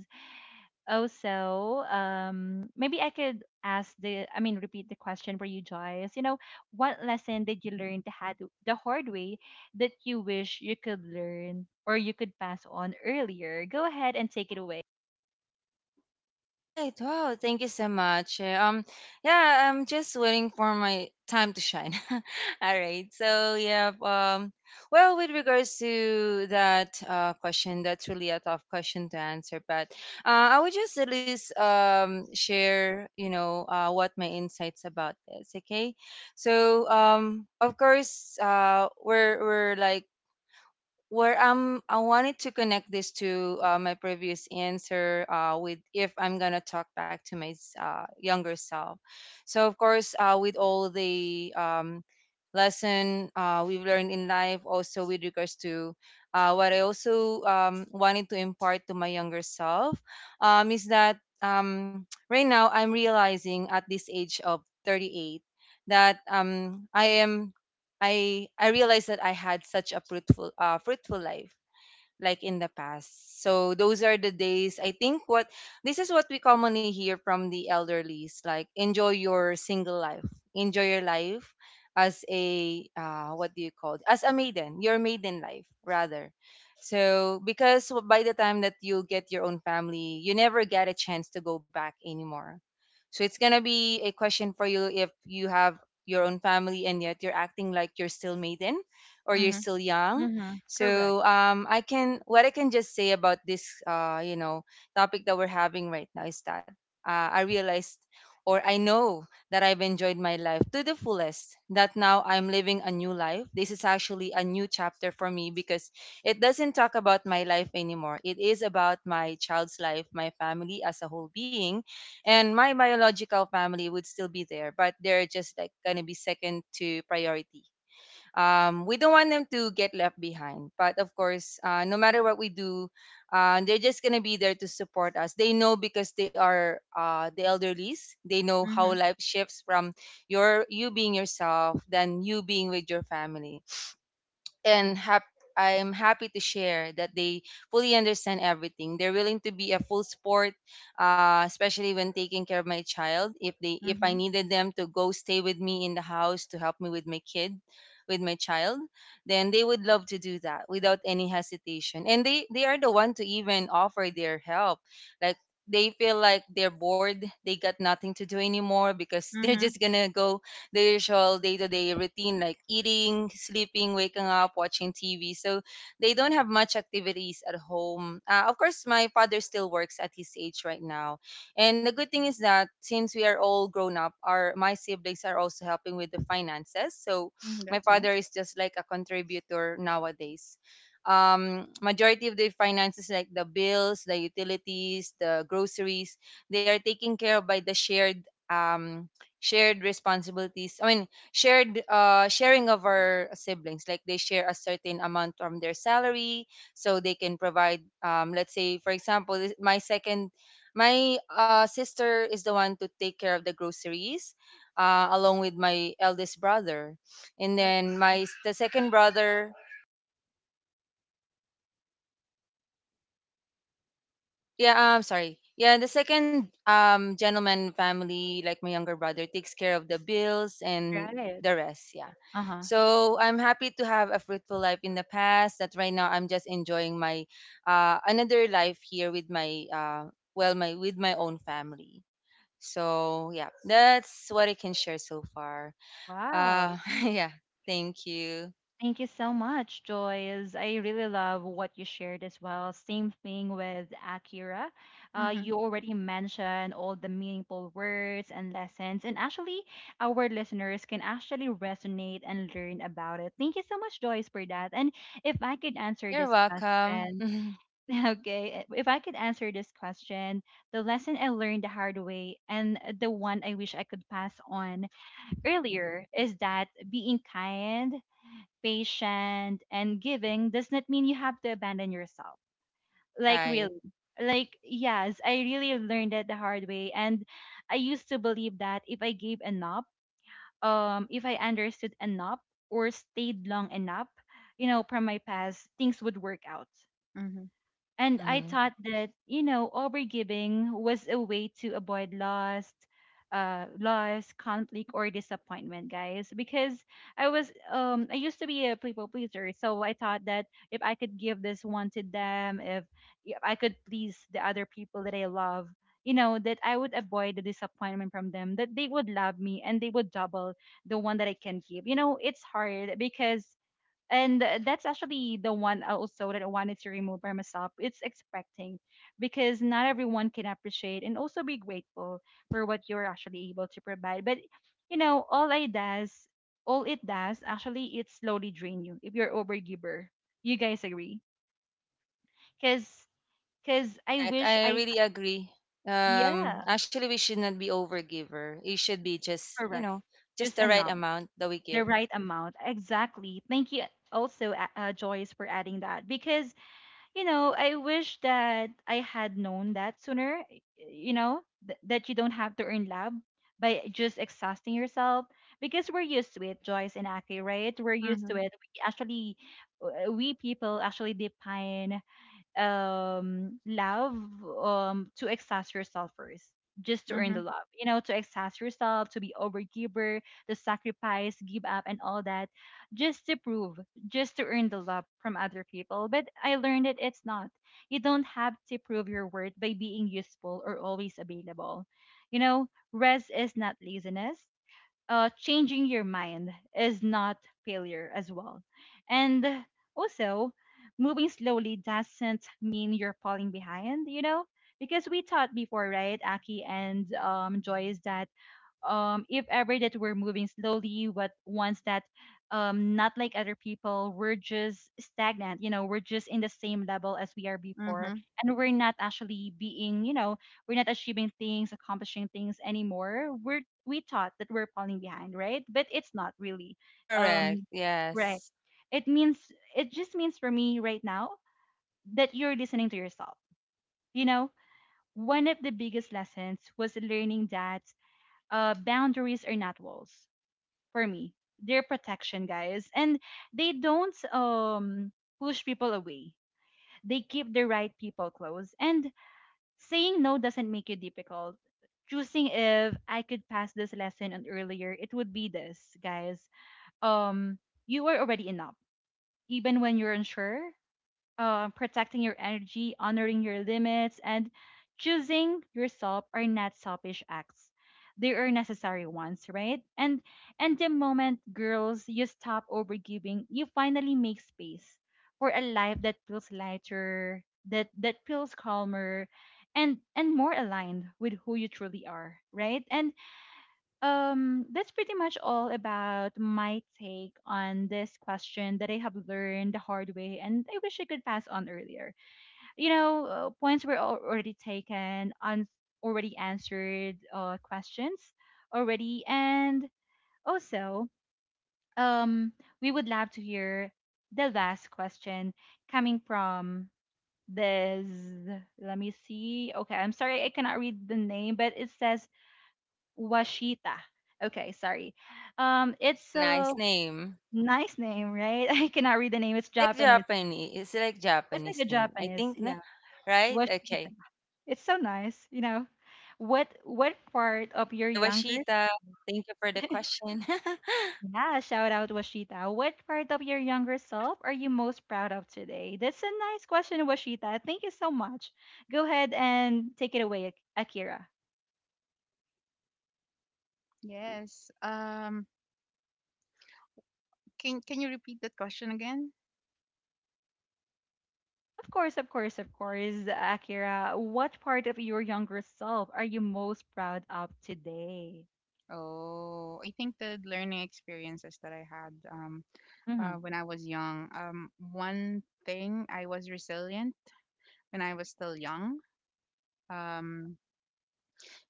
also, maybe I could ask the, I mean, repeat the question for you, Joyce. You know, what lesson did you learn the, had, the hard way that you wish you could learn or you could pass on earlier? Go ahead and take it away.
Right. Wow. Thank you so much. Yeah, I'm just waiting for my time to shine. All right. So yeah. Well, with regards to that question, that's really a tough question to answer. But I would just at least share, you know, what my insights about this. Okay. So of course, we're like where I wanted to connect this to my previous answer with if I'm gonna talk back to my younger self. So of course, with all the lesson we've learned in life, also with regards to what I also wanted to impart to my younger self, is that right now I'm realizing at this age of 38 that I realized that I had such a fruitful life like in the past. So those are the days. I think what this is what we commonly hear from the elderlies, like enjoy your single life. Enjoy your life as a what do you call it? As a maiden, your maiden life rather. So because by the time that you get your own family, you never get a chance to go back anymore. So it's gonna be a question for you if you have your own family and yet you're acting like you're still maiden or you're
Mhm.
still young.
Mm-hmm. Correct.
So I can, what I can just say about this you know, topic that we're having right now is that I realized or I know that I've enjoyed my life to the fullest. That now I'm living a new life. This is actually a new chapter for me because it doesn't talk about my life anymore. It is about my child's life, my family as a whole being, and my biological family would still be there, but they're just like gonna be second to priority. We don't want them to get left behind. But of course, no matter what we do, they're just gonna be there to support us. They know because they are, the elderlies. They know how
Mhm.
life shifts from your you being yourself, then you being with your family and I'm happy to share that they fully understand everything. They're willing to be a full support, especially when taking care of my child. If they if I
Mhm,
needed them to go stay with me in the house to help me with my kid, with my child, then they would love to do that without any hesitation. And they are the one to even offer their help. Like they feel like they're bored, they got nothing to do anymore because they're
mhm,
just gonna go their usual day-to-day routine like eating, sleeping, waking up, watching TV. So they don't have much activities at home. Of course, my father still works at his age right now. And the good thing is that since we are all grown up, our my siblings are also helping with the finances. So
mhm,
my
that's
father
nice,
is just like a contributor nowadays, majority of the finances like the bills, the utilities, the groceries, they are taken care of by the shared um shared responsibilities. Shared sharing of our siblings. Like they share a certain amount from their salary, so they can provide. Let's say, for example, my second, my sister is the one to take care of the groceries, along with my eldest brother, and
that's
then
nice.
my the second brother. Yeah, I'm sorry. Yeah, the second gentleman family, like my younger brother, takes care of the bills and
Right.
the rest. Yeah.
Uh huh.
So I'm happy to have a fruitful life in the past. That right now I'm just enjoying my another life here with my well, my with my own family. So yeah, that's what I can share so far.
Wow.
Yeah, thank you.
Thank you so much, Joyce. I really love what you shared as well. Same thing with Akira.
Mhm,
You already mentioned all the meaningful words and lessons, and actually, our listeners can actually resonate and learn about it. Thank you so much, Joyce, for that. And if I could answer
You're
this
welcome.
question, okay, if I could answer this question, the lesson I learned the hard way and the one I wish I could pass on earlier is that being kind, patient, and giving does not mean you have to abandon yourself. Like,
Right.
really. Like, yes, I really learned it the hard way. And I used to believe that if I gave enough, if I understood enough or stayed long enough, you know, from my past, things would work out.
mhm,
And I
Mm-hmm.
thought that, you know, overgiving was a way to avoid loss, loss, conflict, or disappointment, guys. Because I was, I used to be a people pleaser, so I thought that if I could give this one to them, if I could please the other people that I love, you know, that I would avoid the disappointment from them, that they would love me and they would double the one that I can give. You know, it's hard because and that's actually the one also that I wanted to remove by myself. It's expecting, because not everyone can appreciate and also be grateful for what you're actually able to provide. But you know, all it does actually, it slowly drain you if you're overgiver. You guys agree? Cause, cause I
Correct.
wish
I
I
really agree.
yeah
Actually, we should not be overgiver. It should be just, you
correct
know, just
just
the right
enough
amount that we give.
the right amount exactly. Thank you also, Joyce, for adding that because you know, I wish that I had known that sooner, you know, that you don't have to earn love by just exhausting yourself because we're used to it, Joyce and Aki, right? We're used to
mhm,
it. We actually, we people actually define love to exhaust yourself first just to earn
mhm,
the love, you know, to exhaust yourself, to be overgiver, to sacrifice, give up, and all that, just to prove, just to earn the love from other people. But I learned that it's not, you don't have to prove your worth by being useful or always available, you know. Rest is not laziness. Changing your mind is not failure as well. And also, moving slowly doesn't mean you're falling behind, you know? Because we thought before, right, Aki and Joyce, that if ever that we're moving slowly but ones that not like other people, we're just stagnant, you know, we're just in the same level as we are before
mhm.
and we're not actually being, you know, we're not achieving things, accomplishing things anymore. We thought that we're falling behind, right? But it's not really,
Correct.
um right.
Yes.
It means, it just means for me right now that you're listening to yourself, you know. One of the biggest lessons was learning that boundaries are not walls for me. They're protection, guys, and they don't push people away. They keep the right people close, and saying no doesn't make it difficult. Choosing if I could pass this lesson on earlier, it would be this, guys. Um, you are already enough, even when you're unsure. Protecting your energy, honoring your limits, and choosing yourself are not selfish acts. They are necessary ones, right? And the moment, girls, you stop overgiving, you finally make space for a life that feels lighter, that feels calmer, and more aligned with who you truly are, right? And that's pretty much all about my take on this question that I have learned the hard way and I wish I could pass on earlier. You know, points were already taken on, already answered questions already, and also um we would love to hear the last question coming from this, let me see, okay, I'm sorry, I cannot read the name, but it says Washita. Okay, sorry. It's
Oh,
a
nice name.
nice name, right? I cannot read the name. It's
It's like
Japanese.
Japanese. It's like
It's like a
Japanese name. I
Japanese.
think, na,
Yeah,
right?
Washita.
Okay.
It's so nice. You know, what part of your
Hi,
younger,
Washita. Thank you for the question.
yeah, shout out Washita. What part of your younger self are you most proud of today? That's a nice question, Washita. Thank you so much. Go ahead and take it away, Akira.
Yes. Can you repeat that question again?
Of course, of course, of course, Akira. What part of your younger self are you most proud of today?
Oh, I think the learning experiences that I had,
Mm-hmm.
when I was young. One thing, I was resilient when I was still young. Um,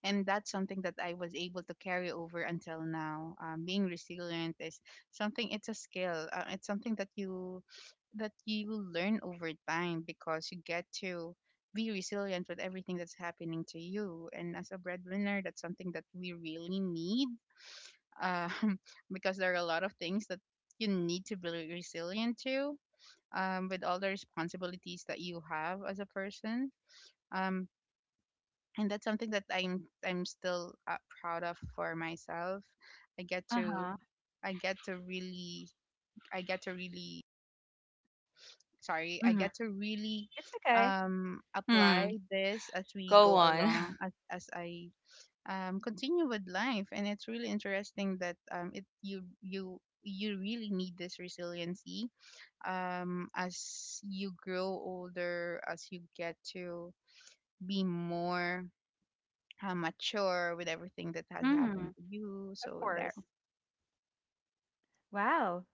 and that's something that I was able to carry over until now. Being resilient is something, it's a skill, it's something that you learn over time because you get to be resilient with everything that's happening to you, and as a breadwinner, that's something that we really need, um, because there are a lot of things that you need to be resilient to, with all the responsibilities that you have as a person, um, and that's something that I'm still, proud of for myself. I get
Uh
to
huh.
I get to really I get to really sorry I
Mm-hmm.
get to really
It's okay.
Hmm.
apply this as we
Go
go
on.
along as I, continue with life. And it's really interesting that, it you you you really need this resiliency, as you grow older, as you get to be more, mature with everything that has
Mm-hmm.
happened to you.
Of
So there.
course. Wow.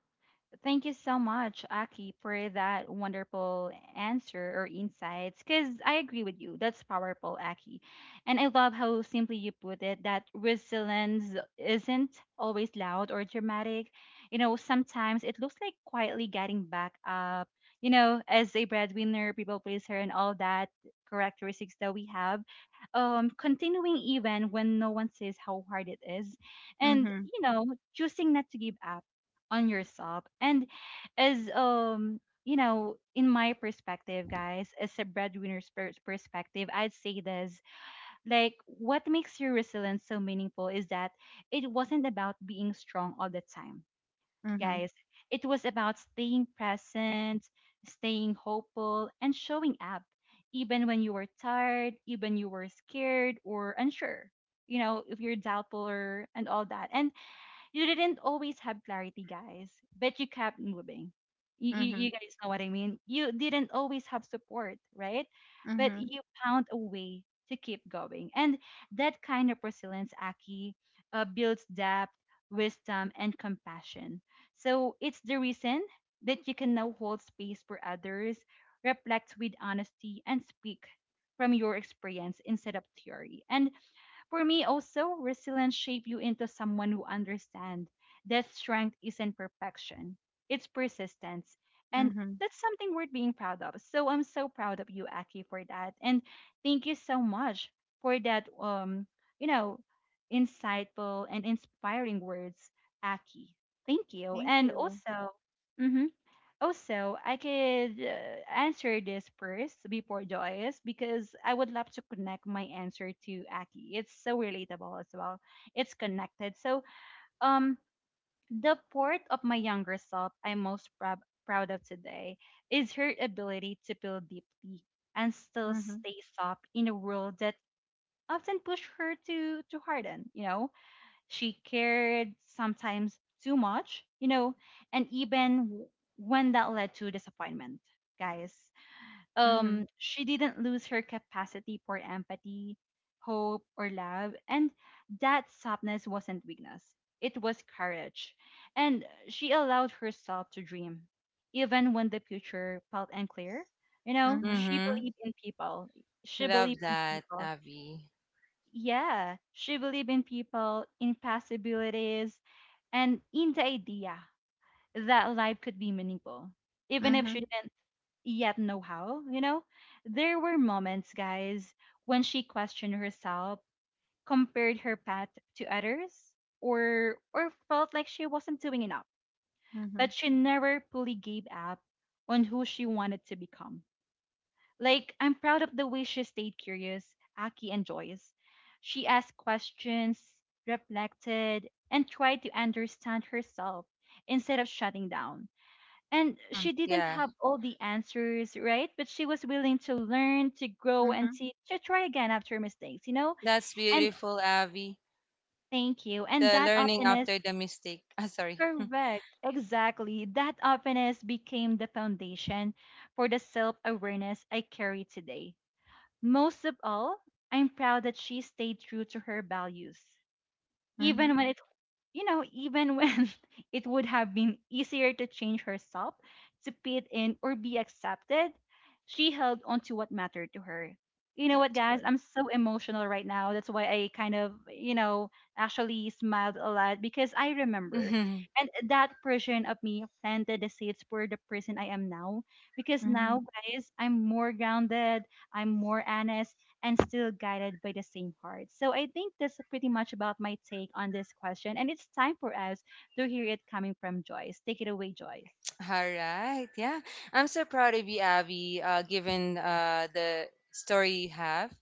Thank you so much, Aki, for that wonderful answer or insights. Because I agree with you. That's powerful, Aki. And I love how simply you put it that resilience isn't always loud or dramatic. You know, sometimes it looks like quietly getting back up, you know, as a breadwinner, people pleaser, and all that characteristics that we have. Continuing even when no one says how hard it is. And,
Mhm.
you know, choosing not to give up on yourself. And as you know, in my perspective, guys, as a breadwinner's perspective, I'd say this, like what makes your resilience so meaningful is that it wasn't about being strong all the time,
Mhm.
guys. It was about staying present, staying hopeful, and showing up even when you were tired, even you were scared or unsure. You know, if you're doubtful or, and all that. And you didn't always have clarity, guys, but you kept moving.
Mhm.
You guys know what I mean? You didn't always have support, right? But
Mhm.
you found a way to keep going. And that kind of resilience, Aki, builds depth, wisdom, and compassion. So it's the reason that you can now hold space for others, reflect with honesty, and speak from your experience instead of theory. And for me, also, resilience shapes you into someone who understands that strength isn't perfection, it's persistence. And
Mhm.
that's something worth being proud of. So I'm so proud of you, Aki, for that. And thank you so much for that, you know, insightful and inspiring words, Aki. Thank you.
Thank
And
you.
also, mhm. Also, I could answer this first before Joyce because I would love to connect my answer to Aki. It's so relatable as well. It's connected. So, um, the part of my younger self I'm most proud of today is her ability to feel deeply and still
Mhm.
stay soft in a world that often push her to harden. You know, she cared sometimes too much, you know, and when that led to disappointment, guys.
Mhm.
She didn't lose her capacity for empathy, hope, or love, and that softness wasn't weakness. It was courage, and she allowed herself to dream, even when the future felt unclear. You know,
Mhm.
she
Mm-hmm.
believed in people. She
Love
believed in
that,
people
Abby.
yeah, she believed in people, in possibilities, and in the idea that life could be meaningful, even if she
Mhm.
didn't yet know how, you know? There were moments, guys, when she questioned herself, compared her path to others, or felt like she wasn't doing enough.
Mhm.
But she never fully gave up on who she wanted to become. Like, I'm proud of the way she stayed curious, Aki and Joyce. She asked questions, reflected, and tried to understand herself instead of shutting down. And
Hmm.
she didn't
Yeah.
have all the answers, right? But she was willing to learn, to grow, and
Mhm.
to try again after mistakes, you know?
That's
And
beautiful, Abby.
thank you. And
The
that
learning
openness,
after the mistake. Ah, sorry.
correct, exactly. That openness became the foundation for the self awareness I carry today. Most of all, I'm proud that she stayed true to her values,
Mhm.
even when even when it would have been easier to change herself to fit in or be accepted. She held on to what mattered to her. You know what,
That's
guys?
good.
I'm so emotional right now. That's why I kind of, actually smiled a lot because I remember.
Mhm.
And that version of me planted the seeds for the person I am now. Because now,
Mhm.
guys, I'm more grounded. I'm more honest and still guided by the same heart. So I think that's pretty much about my take on this question. And it's time for us to hear it coming from Joyce. Take it away, Joyce.
All right. Yeah. I'm so proud of you, Abby, given the story you have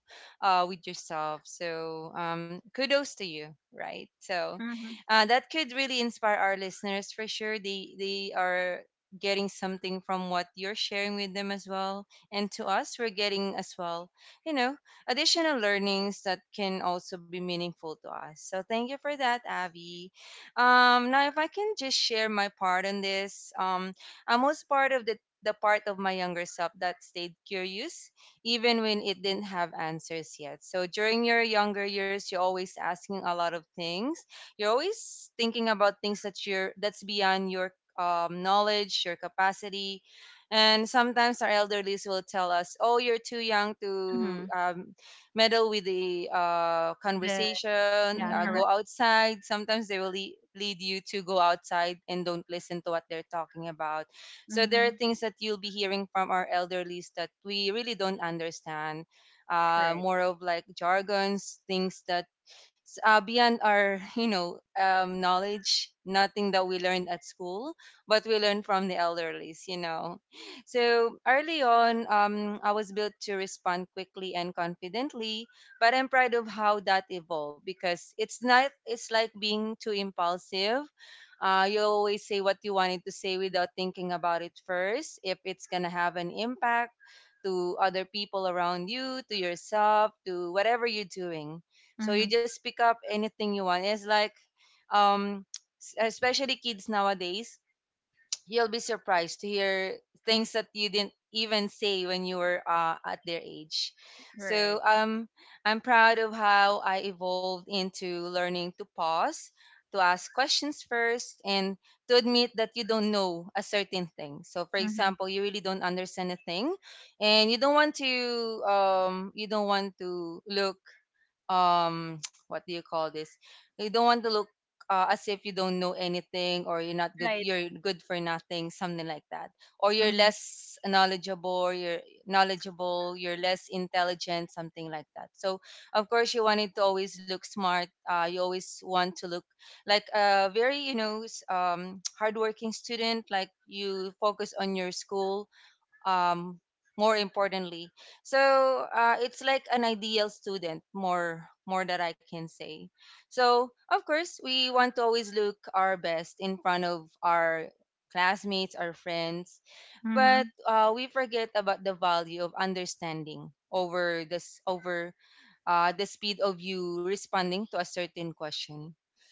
with yourself. So, kudos to you, right? So,
Mhm.
that could really inspire our listeners for sure. They are getting something from what you're sharing with them as well. And to us, we're getting as well, you know, additional learnings that can also be meaningful to us. So, thank you for that, Abby. Now, if I can just share my part on this, I'm most part of the part of my younger self that stayed curious even when it didn't have answers yet. So during your younger years, you're always asking a lot of things. You're always thinking about things that you're that's beyond your knowledge, your capacity, and sometimes our elderlies will tell us, "Oh, you're too young
Mm-hmm.
to meddle with the
The
conversation,
yeah,
go
Mhm.
correct.
outside." Sometimes they will lead you to go outside and don't listen to what they're talking about. So there are
Mhm.
things that you'll be hearing from our elderlies that we really don't understand.
Great.
More of like jargons, things that beyond our you know knowledge, nothing that we learned at school, but we learn from the elderlies. You know, so early on, I was built to respond quickly and confidently, but I'm proud of how that evolved because it's not it's like being too impulsive. You always say what you wanted to say without thinking about it first, if it's gonna have an impact to other people around you, to yourself, to whatever you're doing. So you
Mhm.
just pick up anything you want. It's like um, especially kids nowadays, you'll be surprised to hear things that you didn't even say when you were at their age. So
Great.
I'm proud of how I evolved into learning to pause, to ask questions first, and to admit that you don't know a certain thing. So, for
Mhm.
example, you really don't understand a thing, and you don't want to you don't want to look what do you call this, you don't want to look as if you don't know anything, or you're not good,
Right.
you're good for nothing, something like that, or you're
Mhm.
less knowledgeable, you're less intelligent, something like that. So of course you wanted to always look smart, you always want to look like a very, you know, s- hardworking student, like you focus on your school, um, more importantly. So it's like an ideal student, more that I can say. So of course we want to always look our best in front of our classmates, our friends, but
Mhm.
we forget about the value of understanding over the speed of you responding to a certain question.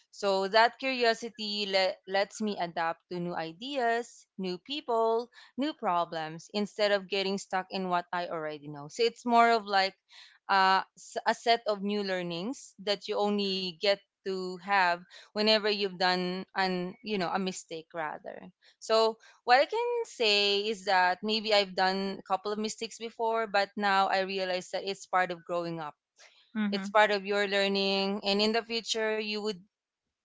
So that curiosity lets me adapt to new ideas, new people, new problems instead of getting stuck in what I already know. So it's more of like a set of new learnings that you only get to have whenever you've done an you know a mistake rather. So what I can say is that maybe I've done a couple of mistakes before, but now I realize that it's part of growing up, it's
Mhm.
part of your learning. And in the future, you would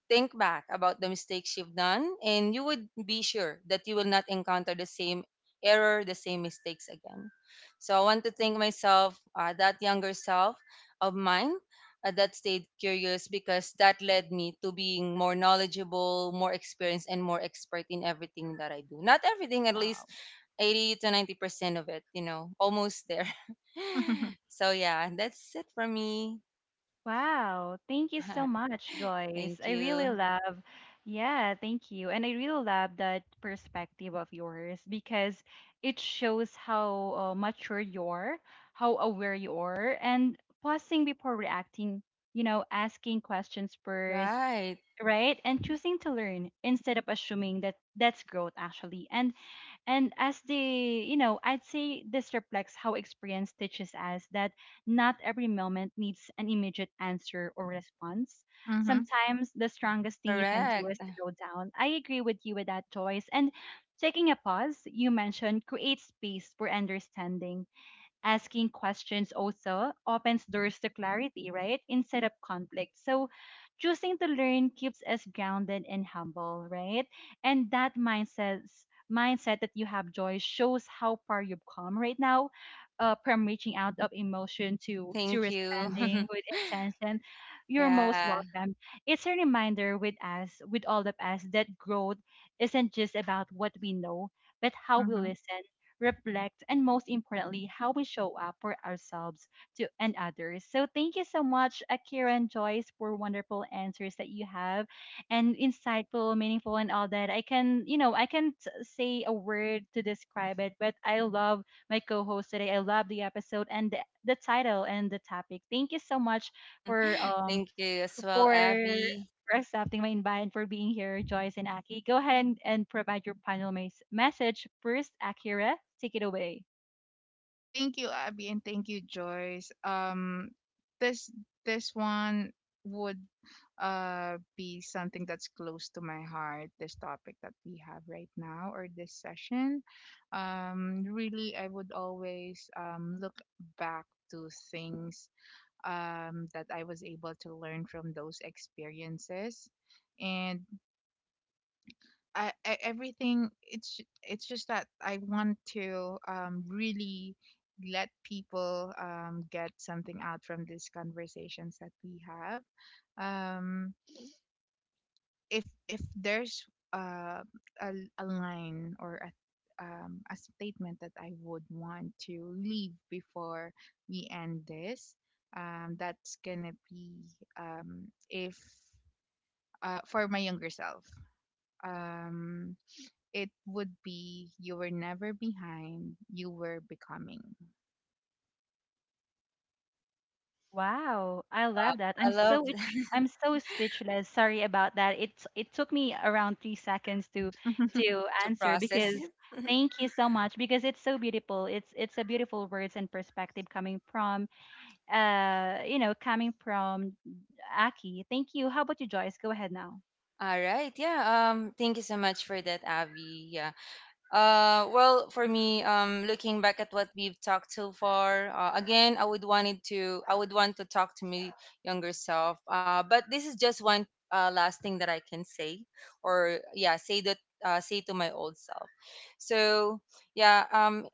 think back about the mistakes you've done and you would be sure that you will not encounter the same error, the same mistakes again. So I want to thank myself, that younger self of mine, that stayed curious, because that led me to being more knowledgeable, more experienced, and more expert in everything that I do. Not everything, at
Wow.
least 80 to 90% of it, you know, almost there. So, yeah, that's it for me.
Wow. Thank you so much,
Thank
Joyce. I really
you.
love yeah, thank you. And I really love that perspective of yours because it shows how mature you're, how aware you are, and pausing before reacting, you know, asking questions first,
Right.
right, and choosing to learn instead of assuming that that's growth, actually. And as they, you know, I'd say this reflects how experience teaches us that not every moment needs an immediate answer or response.
Mhm. Mhm.
Sometimes the strongest thing you can do is
Correct.
to go down, I agree with you with that choice. And taking a pause, you mentioned, creates space for understanding. Asking questions also opens doors to clarity, right? Instead of conflict. So choosing to learn keeps us grounded and humble, right? And that mindset that you have, joy shows how far you've come right now, from reaching out of emotion to
Thank you.
responding with intention. You're most
Yeah.
welcome. It's a reminder with us, with all of us, that growth isn't just about what we know, but how we
Mhm.
listen, reflect, and most importantly, how we show up for ourselves to and others. So thank you so much, Akira and Joyce, for wonderful answers that you have, and insightful, meaningful, and all that. I can, you know, I can't say a word to describe it, but I love my co-host today. I love the episode and the title and the topic. Thank you so much for
Thank you as well,
for
Abby.
for accepting my invite and for being here, Joyce and Aki. Go ahead and provide your final message first, Akira. Take it away.
Thank you, Abby, and thank you, Joyce. This this one would, be something that's close to my heart. This topic that we have right now, or this session, really, I would always, look back to things, that I was able to learn from those experiences, and I everything it's ju- it's just that I want to, really let people, get something out from these conversations that we have. Um if there's, uh, a, line or a, a statement that I would want to leave before we end this, that's gonna be, if for my younger self. Um, it would be, you were never behind, you were becoming.
Wow,
Wow.
I love that.
I
I'm
love
I'm so speechless. Sorry about that. It took me around three seconds to
to
answer
process it.
because thank you so much because it's so beautiful. It's a beautiful words and perspective coming from Aki. Thank you. How about you, Joyce? Go ahead now.
All right. Yeah. Thank you so much for that, Abby. Yeah. Well, for me, looking back at what we've talked so far, again, I would want to talk to my younger self. But this is just one last thing that I can say, or yeah, say that, say to my old self. So yeah,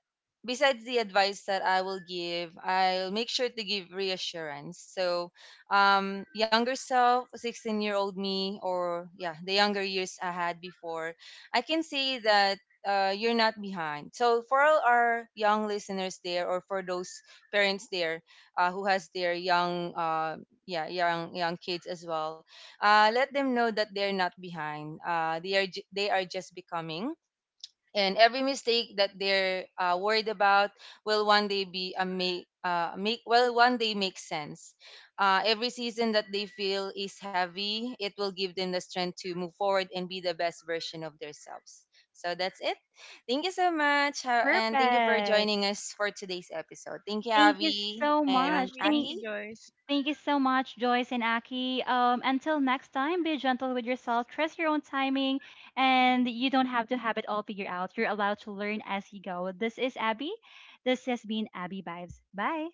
besides the advice that I will give, I'll make sure to give reassurance. So, younger self, 16-year-old me, or yeah, the younger years I had before, I can say that. You're not behind. So for all our young listeners there, or for those parents there who has their young, yeah, young kids as well, let them know that they're not behind. They are they are just becoming, and every mistake that they're worried about will one day be a make make well one day make sense. Every season that they feel is heavy, it will give them the strength to move forward and be the best version of themselves. So that's it. Thank you so much, and thank you for
Perfect.
joining us for today's episode. Thank you,
Thank you
Avi
so
Thank you,
much.
and
Abby. Thank
Aki.
you, Joyce.
Thank you so much, Joyce and Aki. Until next time, be gentle with yourself, trust your own timing, and you don't have to have it all figured out. You're allowed to learn as you go. This is Abby. This has been Abby Vibes. Bye.